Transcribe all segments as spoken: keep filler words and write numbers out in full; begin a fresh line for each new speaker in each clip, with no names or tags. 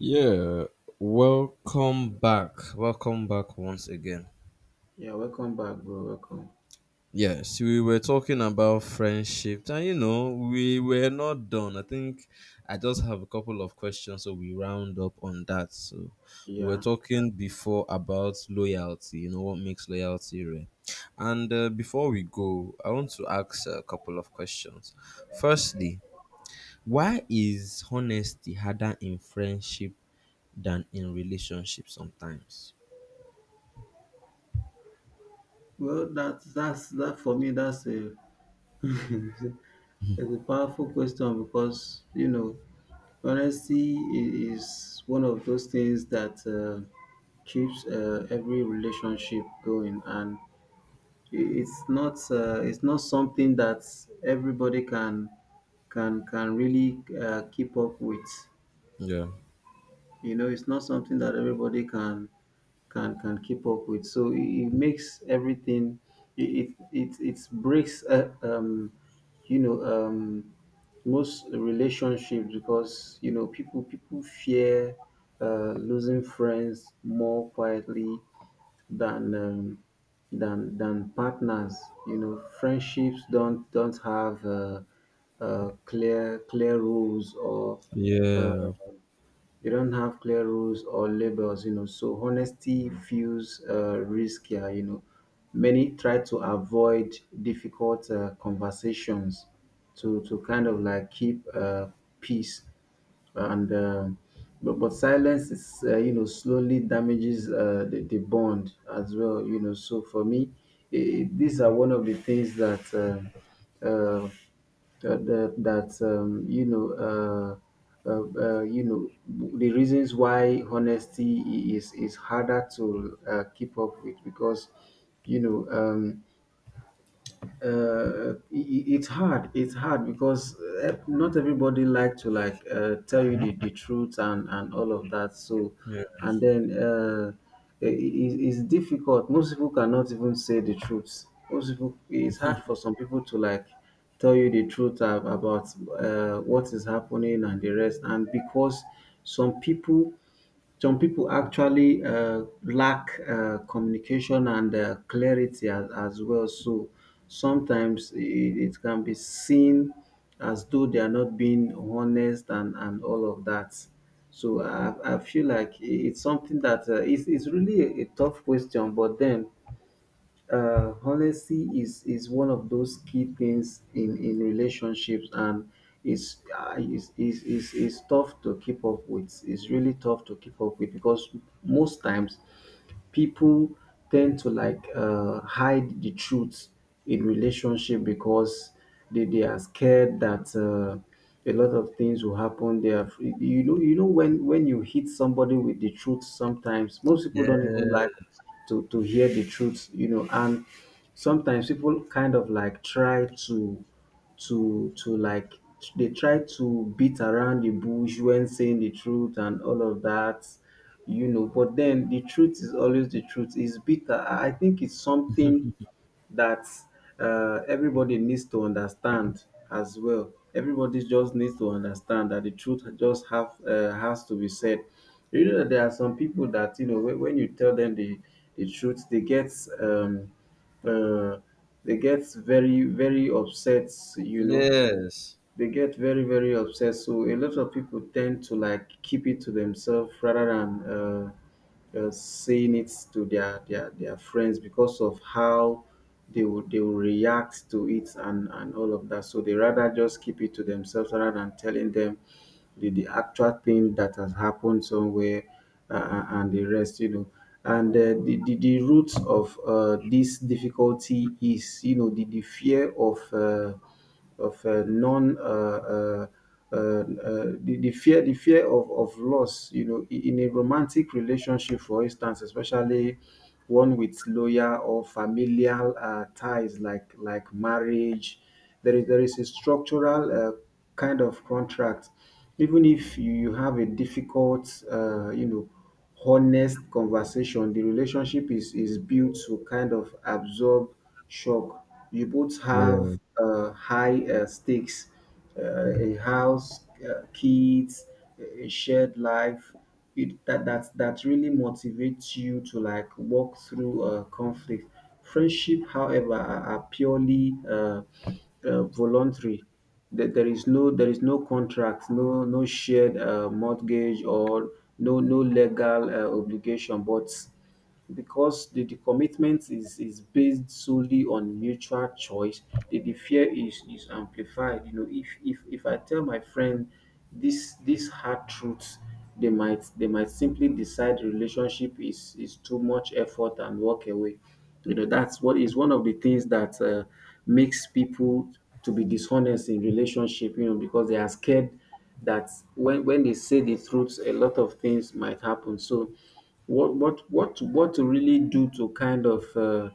Yeah, welcome back. Welcome back once again.
Yeah, welcome back, bro. Welcome.
Yes, we were talking about friendship, and you know, we were not done. I think I just have a couple of questions, so we round up on that. So, we were
Yeah.
talking before about loyalty, you know, what makes loyalty rare. And uh, before we go, I want to ask a couple of questions. Firstly, why is honesty harder in friendship than in relationships sometimes?
Well, that's that's that for me. That's a it's a powerful question because you know honesty i- is one of those things that uh, keeps uh, every relationship going, and i- it's not uh, it's not something that everybody can can can really uh, keep up with.
Yeah.
You know, it's not something that everybody can can can keep up with. So it, it makes everything. It it it, it breaks uh, um you know um most relationships because you know people people fear uh, losing friends more quietly than um, than than partners. You know, friendships don't don't have uh, uh, clear clear rules or uh,
Yeah.
they don't have clear rules or labels, you know, so honesty feels uh, riskier, you know. Many try to avoid difficult uh, conversations to to kind of like keep uh, peace. And um but, but silence is, uh, you know, slowly damages uh, the, the bond as well, you know. So for me, eh, these are one of the things that uh, uh, uh, that that um, you know uh, uh, uh, you know w- the reasons why honesty i- is is harder to uh, keep up with because you know um, uh, it, it's hard it's hard because uh, not everybody like to like uh, tell you the, the truth and and all of that. So
Yeah.
and then uh, i i- it's difficult. Most people cannot even say the truth. Most people, it's hard for some people to like tell you the truth ab- about uh, what is happening and the rest, and because some people, some people actually uh, lack uh, communication and uh, clarity as, as well. So sometimes it, it can be seen as though they are not being honest, and, and all of that. So I, I feel like it's something that uh, it's, it's really a, a tough question, but then uh, honesty is is one of those key things in in relationships, and it's uh, is is is is tough to keep up with. It's really tough to keep up with because most times people tend to like uh, hide the truth in relationship because they, they are scared that uh, a lot of things will happen. They are, you know, you know, when when you hit somebody with the truth sometimes, most people
Yeah.
don't even like to to hear the truth, you know. And sometimes people kind of like try to to to like they try to beat around the bush when saying the truth and all of that, you know. But then the truth is always the truth. It's bitter. i I think it's something that uh, everybody needs to understand as well. Everybody just needs to understand that the truth just have uh, has to be said. You know that there are some people that, you know, when when you tell them the the truth, they get um, uh, they get very very upset. You know,
Yes.
they get very very upset, so a lot of people tend to like keep it to themselves rather than uh, uh, saying it to their, their their friends because of how they would they will react to it and and all of that. So they rather just keep it to themselves rather than telling them the, the actual thing that has happened somewhere uh, uh, and the rest, you know. And uh, the, the the roots of uh, this difficulty is, you know, the, the fear of uh, of uh, non uh, uh, uh, uh, the, the fear the fear of, of loss, you know. I- in a romantic relationship, for instance, especially one with loyal or familial uh, ties like like marriage, there is there is a structural uh, kind of contract. Even if you you have a difficult uh, you know honest conversation, the relationship is is built to kind of absorb shock. You both have
Yeah.
uh, high uh, stakes, uh, a house, uh, kids, a a shared life. It that that that really motivates you to like walk through uh, conflict. Friendship however, are, are purely uh, uh, voluntary. That there is no, there is no contract, no no shared uh, mortgage or no no legal uh, obligation. But because the, the commitment is, is based solely on mutual choice, the, the fear is, is amplified. You know, if, if if I tell my friend this this hard truth, they might they might simply decide relationship is, is too much effort and walk away. You know, that's what is one of the things that uh, makes people to be dishonest in relationship, you know, because they are scared that when, when they say the truth, a lot of things might happen. So what what what what to really do to kind of uh,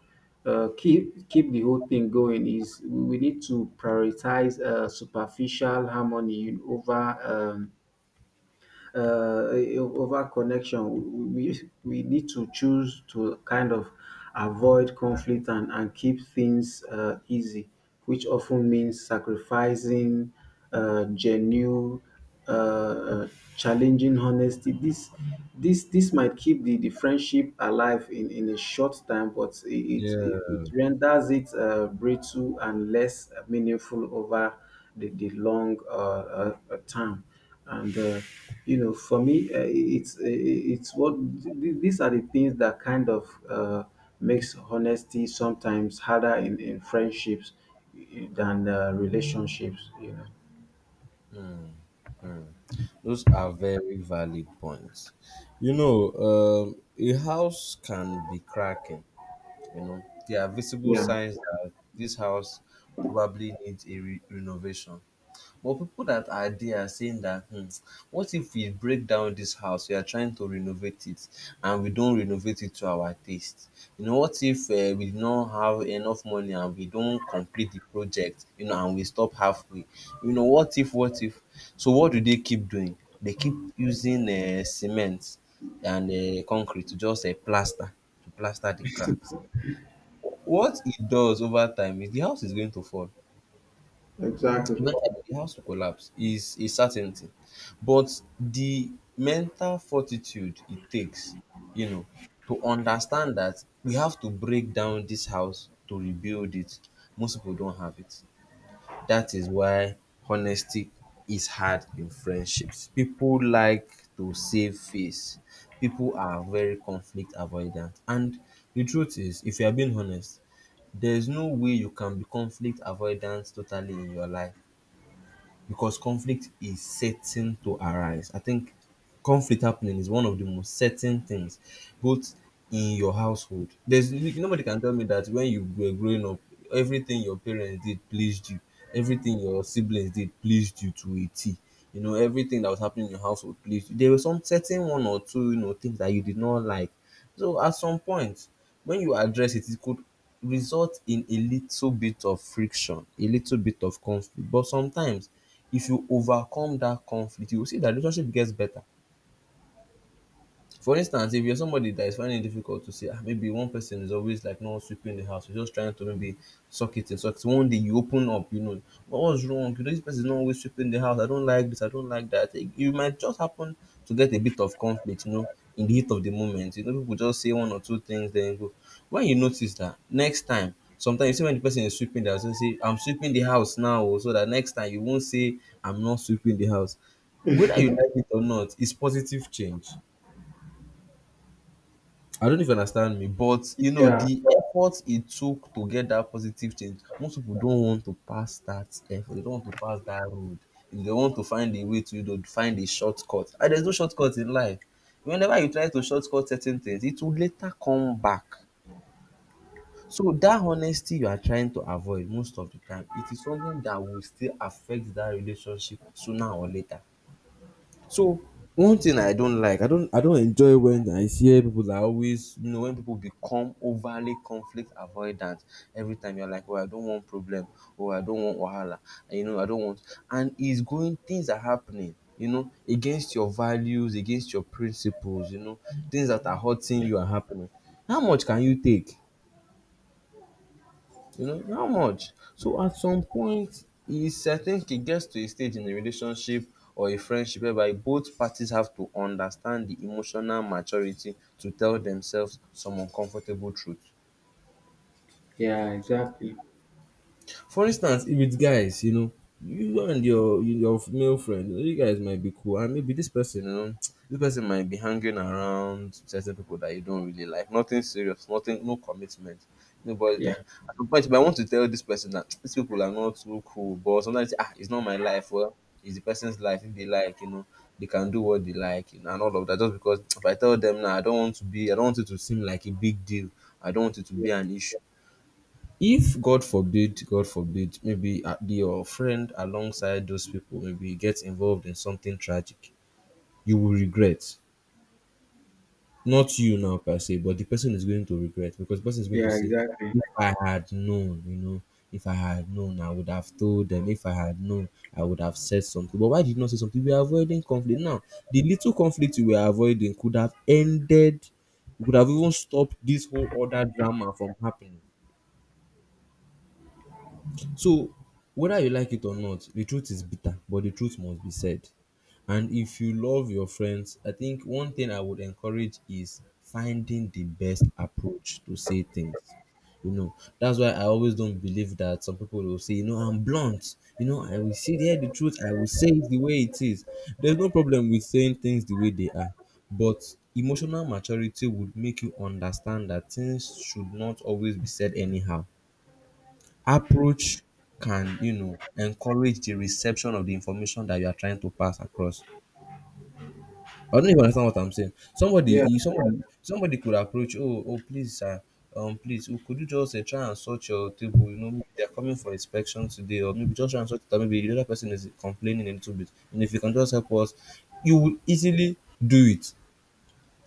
uh, keep keep the whole thing going is we we need to prioritize uh, superficial harmony over um, uh, over connection. We, we we need to choose to kind of avoid conflict and, and keep things uh, easy, which often means sacrificing uh, genuine, uh, uh, challenging honesty. This this this might keep the, the friendship alive in, in a short time, but it,
Yeah.
it, it renders it uh, brittle and less meaningful over the, the long uh, uh, uh, time. And uh, you know, for me, uh, it's uh, it's what th- these are the things that kind of uh, makes honesty sometimes harder in, in friendships eh, than uh, relationships, you know.
Hmm. Those are very valid points. You know, um, a house can be cracking. You know, there are visible
Yeah,
signs that this house probably needs a re- renovation. But people that are there are saying that, hmm, what if we break down this house? We are trying to renovate it and we don't renovate it to our taste. You know, what if uh, we don't have enough money and we don't complete the project, you know, and we stop halfway? You know, what if, what if? So, what do they keep doing? They keep using uh, cement and uh, concrete to just uh, plaster, to plaster the cracks. What it does over time is the house is going to fall.
exactly.
Eventually, the house will collapse is a certainty. But the mental fortitude it takes, you know, to understand that we have to break down this house to rebuild it, most people don't have it. That is why honesty is hard in friendships. People like to save face. People are very conflict avoidant. And the truth is, if you are being honest, there's no way you can be conflict avoidant totally in your life because conflict is certain to arise. I think conflict happening is one of the most certain things, both in your household. There's nobody can tell me that when you were growing up, everything your parents did pleased you, everything your siblings did pleased you to a T. You know, everything that was happening in your household pleased you. There were some certain one or two, you know, things that you did not like. So at some point, when you address it, it could result in a little bit of friction, a little bit of conflict. But sometimes if you overcome that conflict you go see that relationship gets better for instance, if you're somebody that is finding it difficult to say, ah, maybe one person is always like not sweeping the house, you're just trying to maybe suck it in, suck it. One day you open up, you know, what was wrong? You know, this person is not always sweeping the house. I don't like this. I don't like that. It, it might just happen to get a bit of conflict, you know, in the heat of the moment. You know, people just say one or two things, then go. When you notice that next time, sometimes you see when the person is sweeping the house, you say, I'm sweeping the house now, oh," so that next time you won't say, I'm not sweeping the house. Whether you like it or not, it's positive change. I don't know if you understand me, but you know,
Yeah.
the effort it took to get that positive change, most people don't want to pass that effort. They don't want to pass that road. They want to find a way to, you know, find a shortcut. And there's no shortcut in life. Whenever you try to shortcut certain things, it will later come back. So that honesty you are trying to avoid most of the time, it is something that will still affect that relationship sooner or later. So one thing I don't like, I don't I don't enjoy when I hear people that always, you know, when people become overly conflict avoidant every time you're like, oh, I don't want problem, oh I don't want wahala, and, you know, I don't want and it's going things are happening, you know, against your values, against your principles, you know, things that are hurting you are happening. How much can you take? You know, how much? So at some point, is I think it gets to a stage in a relationship or a friendship whereby both parties have to understand the emotional maturity to tell themselves some uncomfortable truth.
Yeah, exactly.
For instance, if it's guys, you know, you and your your male friend, you guys might be cool, and maybe this person, you know, this person might be hanging around certain people that you don't really like. Nothing serious, nothing, no commitment. No, but ah,
Yeah.
at some point, but I want to tell this person that these people are not too cool. But sometimes, ah, it's not my life. Well, it's the person's life. If they like, you know, they can do what they like, you know, and all of that. Just because if I tell them now, I don't want to be, I don't want it to seem like a big deal. I don't want it to
Yeah,
be an issue. If God forbid, God forbid, maybe uh, your friend alongside those people maybe gets involved in something tragic, you will regret. Not you now per se, but the person is going to regret because the person is going to
yeah,
say,
exactly.
"If I had known, you know, if I had known, I would have told them. If I had known, I would have said something." But why did you not say something? We are avoiding conflict now. The little conflict we were avoiding could have ended. We could have even stopped this whole other drama from happening. So whether you like it or not, the truth is bitter, but the truth must be said. And if you love your friends, I think one thing I would encourage is finding the best approach to say things. You know, that's why I always don't believe that some people will say, you know, I'm blunt. You know, I will sit here the truth. I will say it the way it is. There's no problem with saying things the way they are, but emotional maturity would make you understand that things should not always be said anyhow approach can, you know, encourage the reception of the information that you are trying to pass across. I don't know if you understand what I'm saying. Somebody,
Yeah.
if somebody, somebody could approach, oh, oh, please, sir, um, please, oh, could you just uh, try and sort your table? You know, maybe they're coming for inspection today, or maybe just try and sort it. Out. Maybe the other person is complaining a little bit, and if you can just help us, you will easily do it.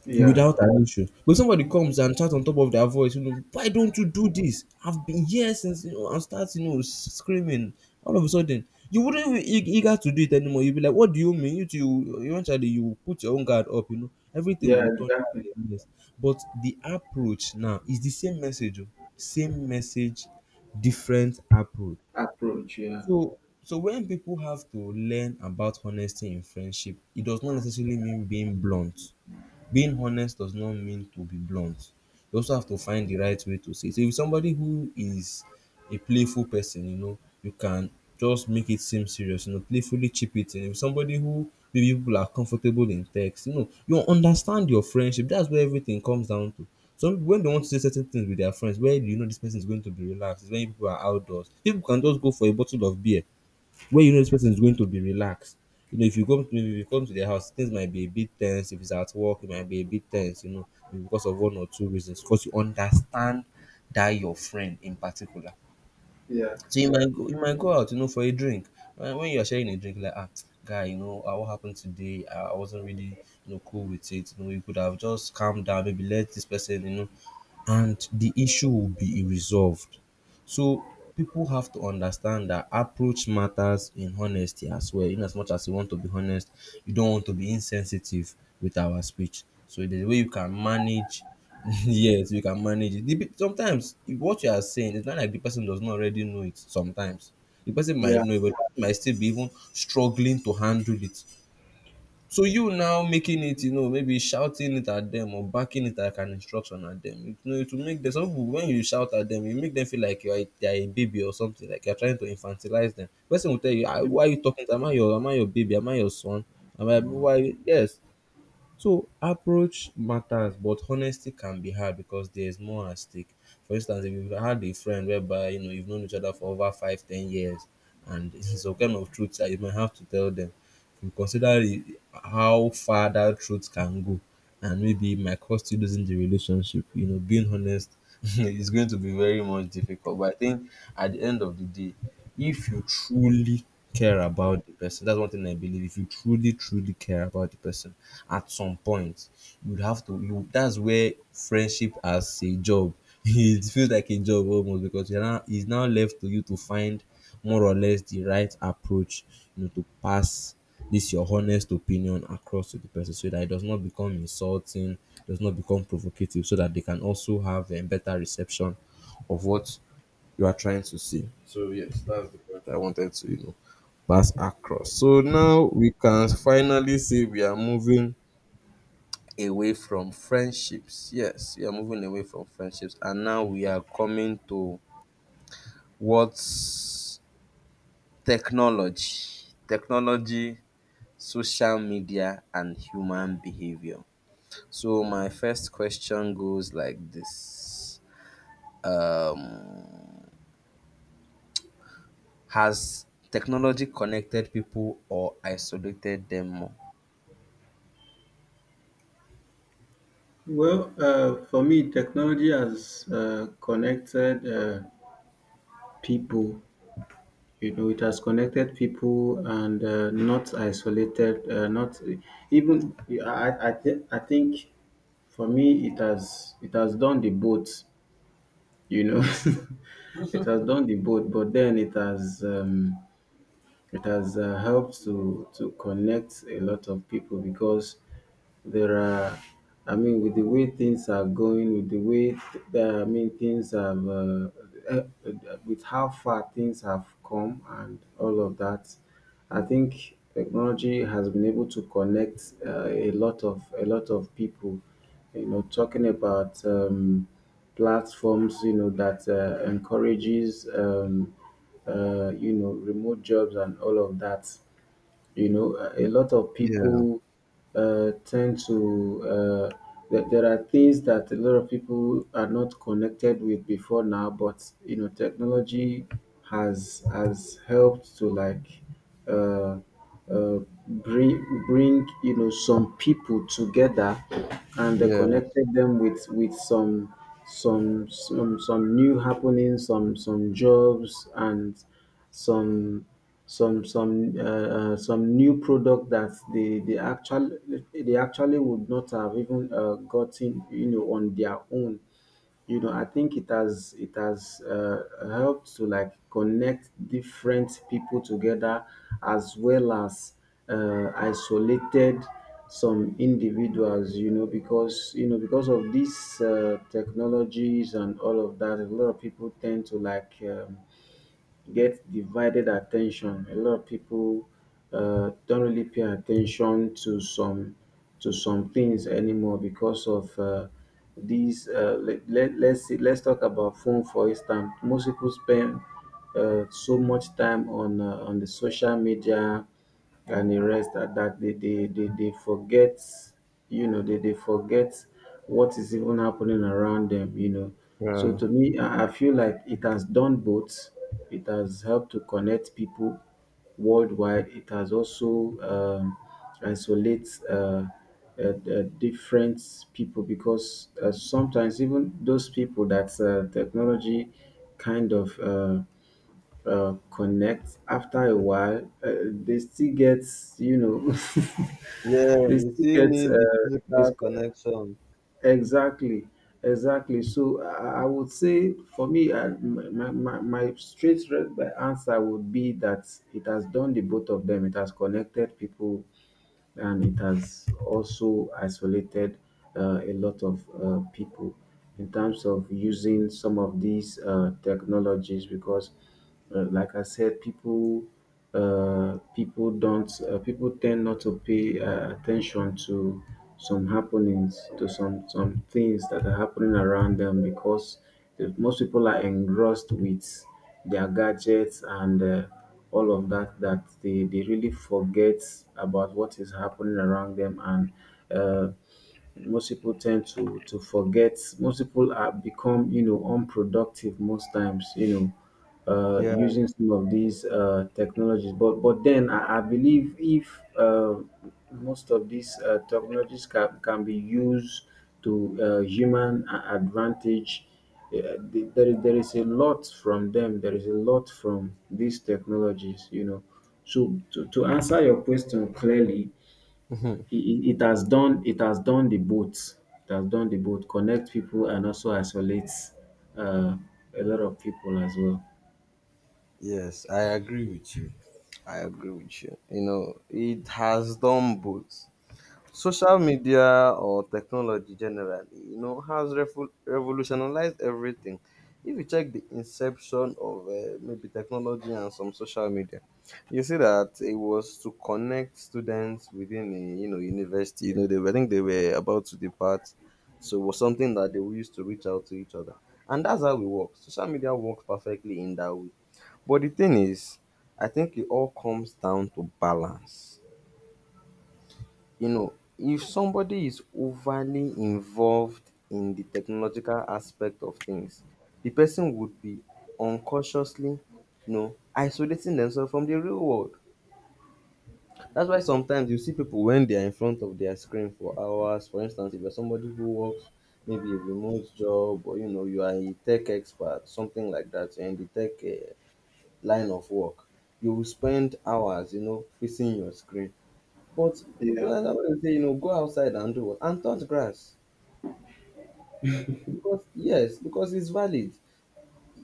Yeah,
Without an issue. But somebody comes and chats on top of their voice, you know, why don't you do this? I've been here since, you know, and starts, you know, screaming. All of a sudden, you wouldn't be eag- eager to do it anymore. You'd be like, what do you mean? You two, eventually, you will put your own guard up, you know, everything
yeah,
will turn out
exactly.
a mess. But the approach now is the same message, oh. Same message, different approach.
Approach, yeah.
So, so when people have to learn about honesty in friendship, it does not necessarily mean being blunt being honest does not mean to be blunt. You also have to find the right way to say it. So if somebody who is a playful person, you know, you can just make it seem serious, you know, playfully chip it in. If somebody who maybe people are comfortable in text, you know, you understand your friendship. That's where everything comes down to. Some people, when they want to say certain things with their friends, where do you know this person is going to be relaxed, is when people are outdoors. People can just go for a bottle of beer where you know this person is going to be relaxed. You know, if you come to maybe if you come to their house, things might be a bit tense. If it's at work, it might be a bit tense, you know, because of one or two reasons. Because you understand that your friend in particular.
Yeah.
So you might go, you might go out, you know, for a drink. When when you are sharing a drink, like ah, guy, you know, ah, what happened today? Ah, I wasn't really, you know, cool with it. You know, you could have just calmed down, maybe let this person, you know, and the issue will be resolved. So people have to understand that approach matters in honesty as well. In as much as you want to be honest, you don't want to be insensitive with our speech. So the way you can manage, yes, you can manage it. The pe- Sometimes if what you are saying it's not like the person does not already know it. Sometimes the person might
Yeah.
know it, but the person might still be even struggling to handle it. So you now making it, you know, maybe shouting it at them or barking it like an instruction at them, it, you know, it will make them. Some people, when you shout at them, you make them feel like you are a, they are a baby or something, like you are trying to infantilize them. Person will tell you, "Ah, Why are you talking? to- Am I your, am I your baby? Am I your son? Am I why?" Yes. So approach matters, but honesty can be hard because there is more at stake. For instance, if you've had a friend whereby you know you've known each other for over five, ten years, and some kind of truth that you might have to tell them, you consider the- how far that truth can go, and maybe it might cost you losing the relationship. You know, being honest is going to be very much difficult. But I think at the end of the day if you truly care about the person, that's one thing I believe. If you truly, truly care about the person, at some point you would have to. You, that's where friendship as a job. It feels like a job almost because you're now it's now left to you to find more or less the right approach, you know, to pass this your honest opinion across to the person so that it does not become insulting, does not become provocative, so that they can also have a better reception of what you are trying to see. So yes, that's the point I wanted to, you know, pass across. So now we can finally say we are moving away from friendships. Yes, we are moving away from friendships. And now we are coming to what's technology. Technology, social media, and human behavior. So my first question goes like this. Um Has technology connected people or isolated them more?
Well, uh, for me, technology has uh, connected uh, people. You know, it has connected people and uh, not isolated. Uh, not even. I. I, th- I think, for me, it has it has done the both. You know, it has done the both, but then it has. Um, it has uh, helped to to connect a lot of people because there are I mean, with the way things are going, with the way th- that I mean, things have uh, eh, eh, with how far things have come and all of that, I think technology has been able to connect uh, a lot of a lot of people, you know, talking about um, platforms, you know, that uh, encourages, um, uh, you know, remote jobs and all of that. You know, a a lot of
Yeah,
people uh, tend to, uh, there there are things that a lot of people are not connected with before now, but you know, technology has has helped to like uh, uh, bring bring, you know, some people together, and they
yeah,
connected them with with some some some some new happenings, some some jobs, and some some some uh, uh, some new product that they they actually they actually would not have even uh, gotten, you know, on their own. You know, I think it has it has uh, helped to like connect different people together, as well as uh, isolated some individuals, you know, because, you know, because of these uh, technologies and all of that, a lot of people tend to like um, get divided attention. A lot of people uh, don't really pay attention to some to some things anymore because of uh, these. Uh, let, let, let's see, let's talk about phone, for instance. Most people spend uh, so much time on uh, on the social media and the rest at that. They they they they forget, you know, they they forget what is even happening around them, you know. So
yeah.
to me, I I feel like it has done both. It has helped to connect people worldwide. It has also um, isolates uh, uh, uh, different people because uh, sometimes even those people that uh, technology kind of uh, uh, connect, after a while uh, they still get, you know,
Yeah,
they
they
still
still
get
need
uh,
the physical
this.
connection.
Exactly, exactly. So I, I would say for me, I, my, my, my straight re- answer would be that it has done the both of them. It has connected people and it has also isolated uh, a lot of uh, people in terms of using some of these uh, technologies because, uh, like I said, people uh, people don't uh, people tend not to pay uh, attention to some happenings to some some things that are happening around them because the, most people are engrossed with their gadgets and uh, all of that that they, they really forget about what is happening around them and uh, and most people tend to to forget. Most people are become, you know unproductive most times, you know uh
Yeah.
using some of these uh technologies. But but then i, I believe if uh, most of these uh, technologies can, can be used to uh, human a- advantage. Uh, the- there is there is a lot from them. There is a lot from these technologies, you know. So to, to answer your question clearly,
Mhm.
it it has done it has done the both. It has done the both. Connect people and also isolate uh, a lot of people as well.
Yes, I agree with you. I agree with you. You know, it has done both. Social media or technology generally, you know, has revo- revolutionized everything. If you check the inception of uh, maybe technology and some social media, you see that it was to connect students within a you know university. You know, they were, I think they were about to depart, so it was something that they used to reach out to each other, and that's how we work. Social media works perfectly in that way. But the thing is, I think it all comes down to balance you know, If somebody is overly involved in the technological aspect of things, the person would be unconsciously, you know, isolating themselves from the real world. That's why sometimes you see people when they are in front of their screen for hours. For instance, if you're somebody who works maybe a remote job or you know you are a tech expert, something like that, you're in the tech uh, line of work, you will spend hours, you know, facing your screen but people
Yeah,
that's why I say, you know, go outside and do what? And touch grass. Because yes, because it's valid.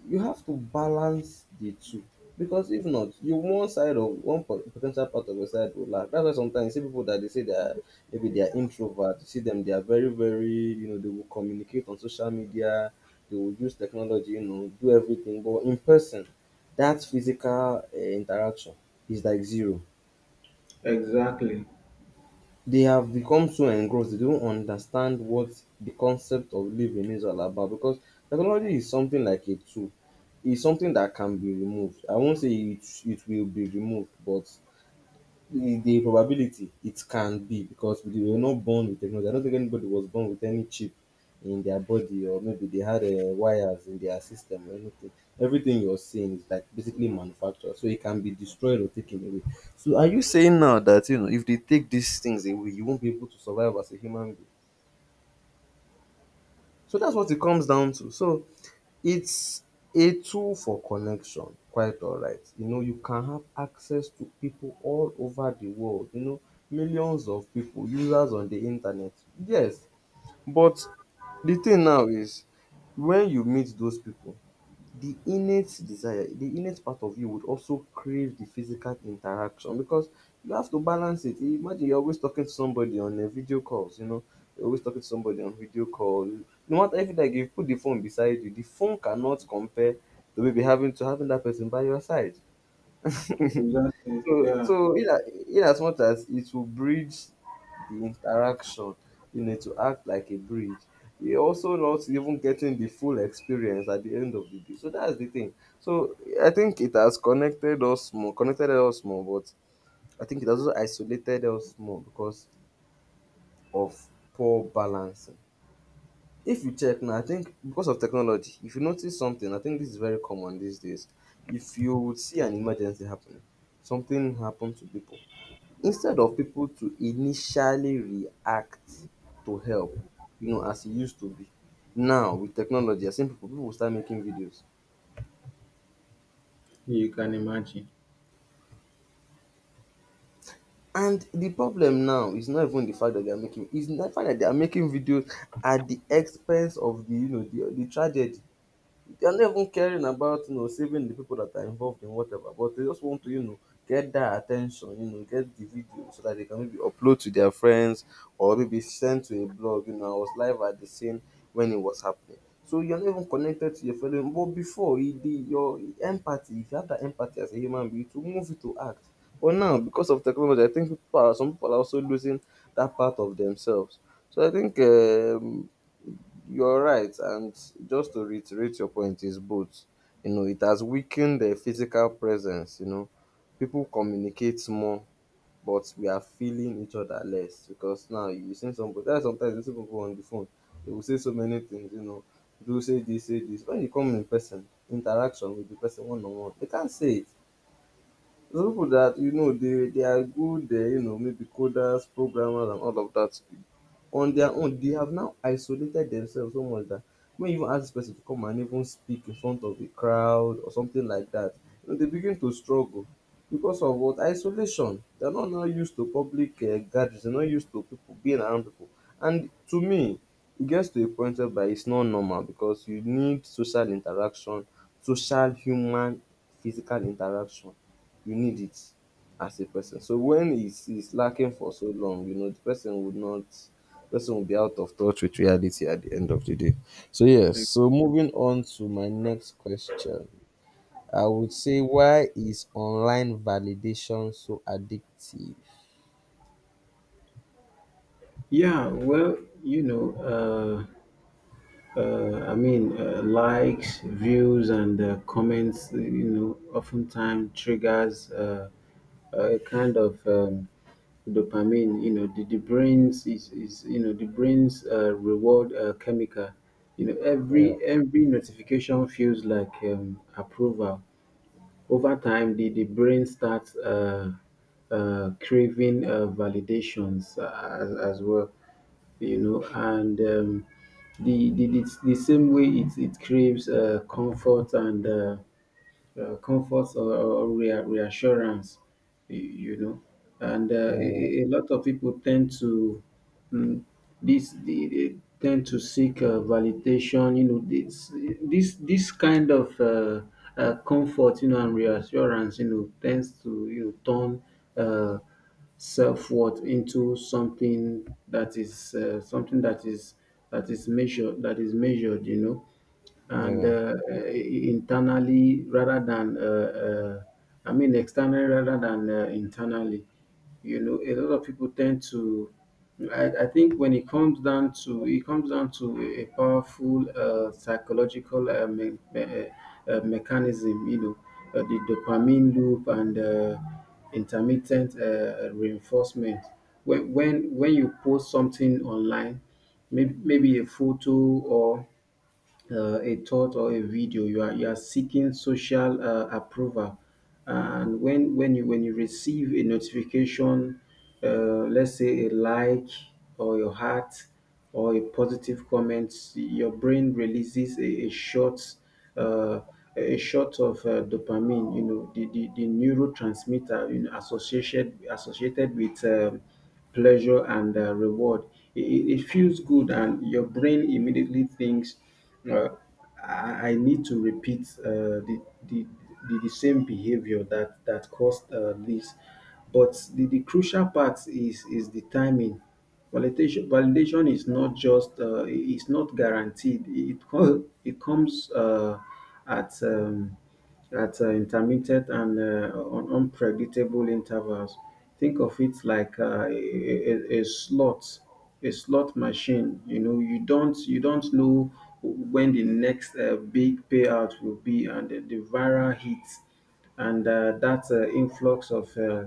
You have to balance the two. Because if not, you one side of one po- potential part of your side will lack. That's why sometimes you see people that they say they are maybe they are introvert. You see them, they are very, very, you know, they will communicate on social media, they will use technology, you know, do everything. But in person, that physical uh, interaction is like zero.
exactly.
They have become so engrossed they don't understand what the concept of living is all about because technology is something like a tool. It's something that can be removed. I won't say it, it will be removed, but the, the probability it can be because we were not born with technology. I don't think anybody was born with any chip in their body or maybe they had uh, wires in their system or anything. Everything you're seeing is like basically manufactured, so it can be destroyed or taken away. So are you saying now that you know if they take these things away, you won't be able to survive as a human being? So that's what it comes down to. So it's a tool for connection, quite all right. You know, you can have access to people all over the world, you know, millions of people, users on the internet. Yes, but the thing now is when you meet those people, the innate desire the innate part of you would also crave the physical interaction because you have to balance it imagine you're always talking to somebody on a video calls you know you're always talking to somebody on video call no matter if like you put the phone beside you the phone cannot compare to maybe having to having that person by your side.
Exactly.
So
Yeah.
so in a in as much as it will bridge the interaction, you know, to act like a bridge, you're also not even getting the full experience at the end of the day. So that's the thing. So I think it has connected us more, connected us more, but I think it has also isolated us more because of poor balancing. If you check now, I think because of technology, if you notice something, I think this is very common these days. If you would see an emergency happening, something happened to people instead of people to initially react to help, you know, as e used to be. Now, with technology, you're seeing people, people will start making videos.
You can imagine.
And the problem now is not even the fact that they are making, it's the fact that they are making videos at the expense of the, you know, the, the tragedy. They're not even caring about you know saving the people that are involved in whatever, but they just want to you know get that attention, you know, get the video so that they can maybe upload to their friends or maybe send to a blog. You know, I was live at the scene when it was happening. So you're not even connected to your fellow. But before, you did your empathy, if you have that empathy as a human being, to move it to act. But now, because of technology, I think people are, some people are also losing that part of themselves. So I think um, you're right, and just to reiterate your point is both. You know, it has weakened their physical presence. You know, people communicate more, but we are feeling each other less because now you see somebody. That's sometimes you see people on the phone. They will say so many things. You know, do say this, say this. When you come in person, interaction with the person one on one, they can't say it. There's people that you know they they are good. They you know maybe coders, programmers, and all of that on their own they have now isolated themselves so much that when you even ask this person to come and even speak in front of a crowd or something like that, you know, they begin to struggle because of what isolation. They're not now used to public uh, gatherings. They're not used to people being around people. And to me, it gets to a point whereby it's not normal because you need social interaction, social human physical interaction. You need it as a person. So when it's, it's lacking for so long, you know, the person would not person will be out of touch with reality at the end of the day. So yes, so moving on to my next question. I would say why is online validation so addictive?
Yeah, well, you know, uh, uh, I mean, uh, likes, views, and uh, comments, you know, oftentimes triggers uh, a kind of um, dopamine. You know, the, the brain's is, is you know, the brain's uh, reward uh, chemical. You know,
Yeah,
every every notification feels like um, approval. Over time, the, the brain starts uh, uh, craving uh, validations uh, as, as well, you know. And um, the, the, the, the same way it, it craves uh, comfort and uh, uh, comfort or, or rea- reassurance, y- you know. And uh, a,
yeah,
a a lot of people tend to... Mm, this they, they tend to seek uh, validation, you know. This this this kind of uh, uh, comfort, you know, and reassurance, you know, tends to, you know, turn uh, self-worth into something that is uh, something that is that is measured that is measured, you know, and
yeah,
uh, uh, internally... rather than uh, uh, I mean, externally rather than uh, internally, you know. A lot of people tend to... I, I think when it comes down to... it comes down to a powerful uh, psychological uh, me- me- uh, mechanism, you know. Uh, the dopamine loop and uh, intermittent uh, reinforcement. When, when when you post something online, maybe, maybe a photo or uh, a thought or a video, you are you are seeking social uh, approval. And when when you when you receive a notification, uh, let's say a like or your heart or a positive comment, your brain releases a, a short uh, a shot of uh, dopamine, you know, the, the, the neurotransmitter, you know, associated associated with um, pleasure and uh, reward. It, it it feels good, and your brain immediately thinks, uh, I, I need to repeat uh, the, the, the, the same behavior that that caused uh, this. But the, the crucial part is, is the timing. Validation validation is not just uh, i- it's not guaranteed. It co- it comes uh, at um, at uh, intermittent and uh, un- unpredictable intervals. Think of it like uh, a, a, a slot... a slot machine. You know, you don't you don't know when the next uh, big payout will be, and the, the viral hits and uh, that uh, influx of uh,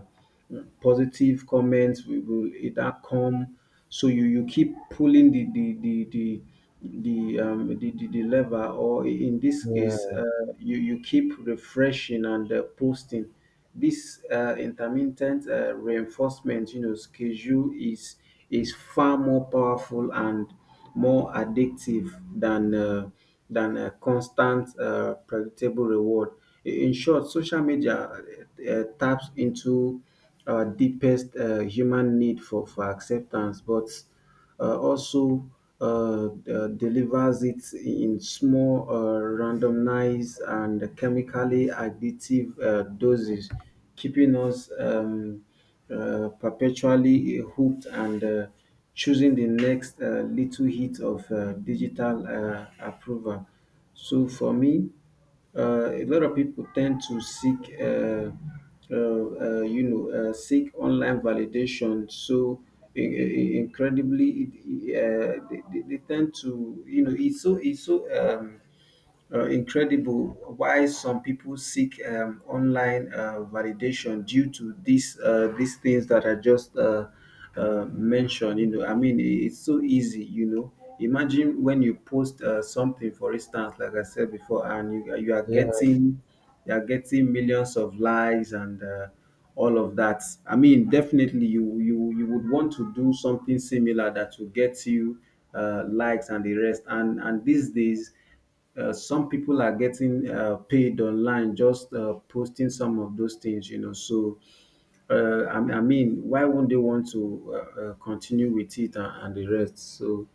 positive comments will will either come. So you you keep pulling the the the the the um the, the, the lever, or in this case,
yeah,
uh, you you keep refreshing and uh, posting. This uh, intermittent uh, reinforcement, you know, schedule is is far more powerful and more addictive than uh, than a constant uh, predictable reward. I- in short, social media uh, taps into uh, deepest uh, human need for, for acceptance, but uh, also uh, uh, delivers it in small, uh, randomized, and chemically additive uh, doses, keeping us um, uh, perpetually hooked and uh, choosing the next uh, little hit of uh, digital uh, approval. So for me, uh, a lot of people tend to seek, uh, uh, uh, you know, uh, seek online validation. So in, incredibly, it, uh, they, they they tend to, you know, it's so, it's so, Um, uh, incredible why some people seek um, online uh, validation due to these uh, these things that I just uh, uh, mentioned. You know, I mean, i- it's so easy. You know, imagine when you post uh, something, for instance, like I said before, and you you are
yeah,
getting... you are getting millions of likes and uh, all of that. I mean, definitely you you you would want to do something similar that will get you uh, likes and the rest. And and these days, uh, some people are getting uh, paid online just uh, posting some of those things, you know. So, uh, I, I mean, why won't they want to uh, uh, continue with it, and, and the rest? So,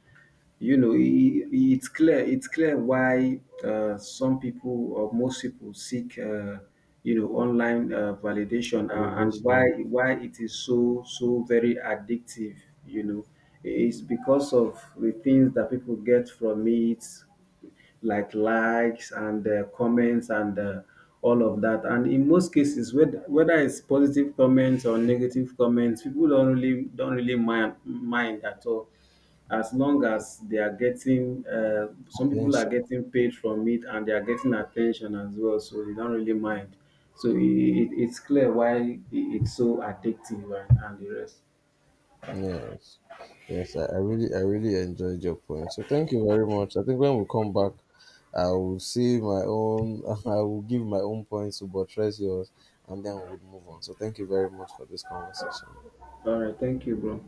you know, i i- it's clear it's clear why uh, some people or most people seek, uh, you know, online uh, validation, a- and why
validation,
why it is so, so very addictive. You know, it's because of the things that people get from it, like likes and uh, comments and uh, all of that. And in most cases, whether whether it's positive comments or negative comments, people don't really don't really mind mind at all, as long as they are getting. Uh, some people are
attention.
getting paid from it and they are getting attention as well, so they don't really mind. So it, it, it's clear why it- it's so addictive, and, and the rest.
Yes. Yes, I, I really I really enjoyed your point. So thank you very much. I think when we come back, I will see my own. I will give my own points to buttress yours and then we would move on. So thank you very much for this conversation.
All right, thank you, bro.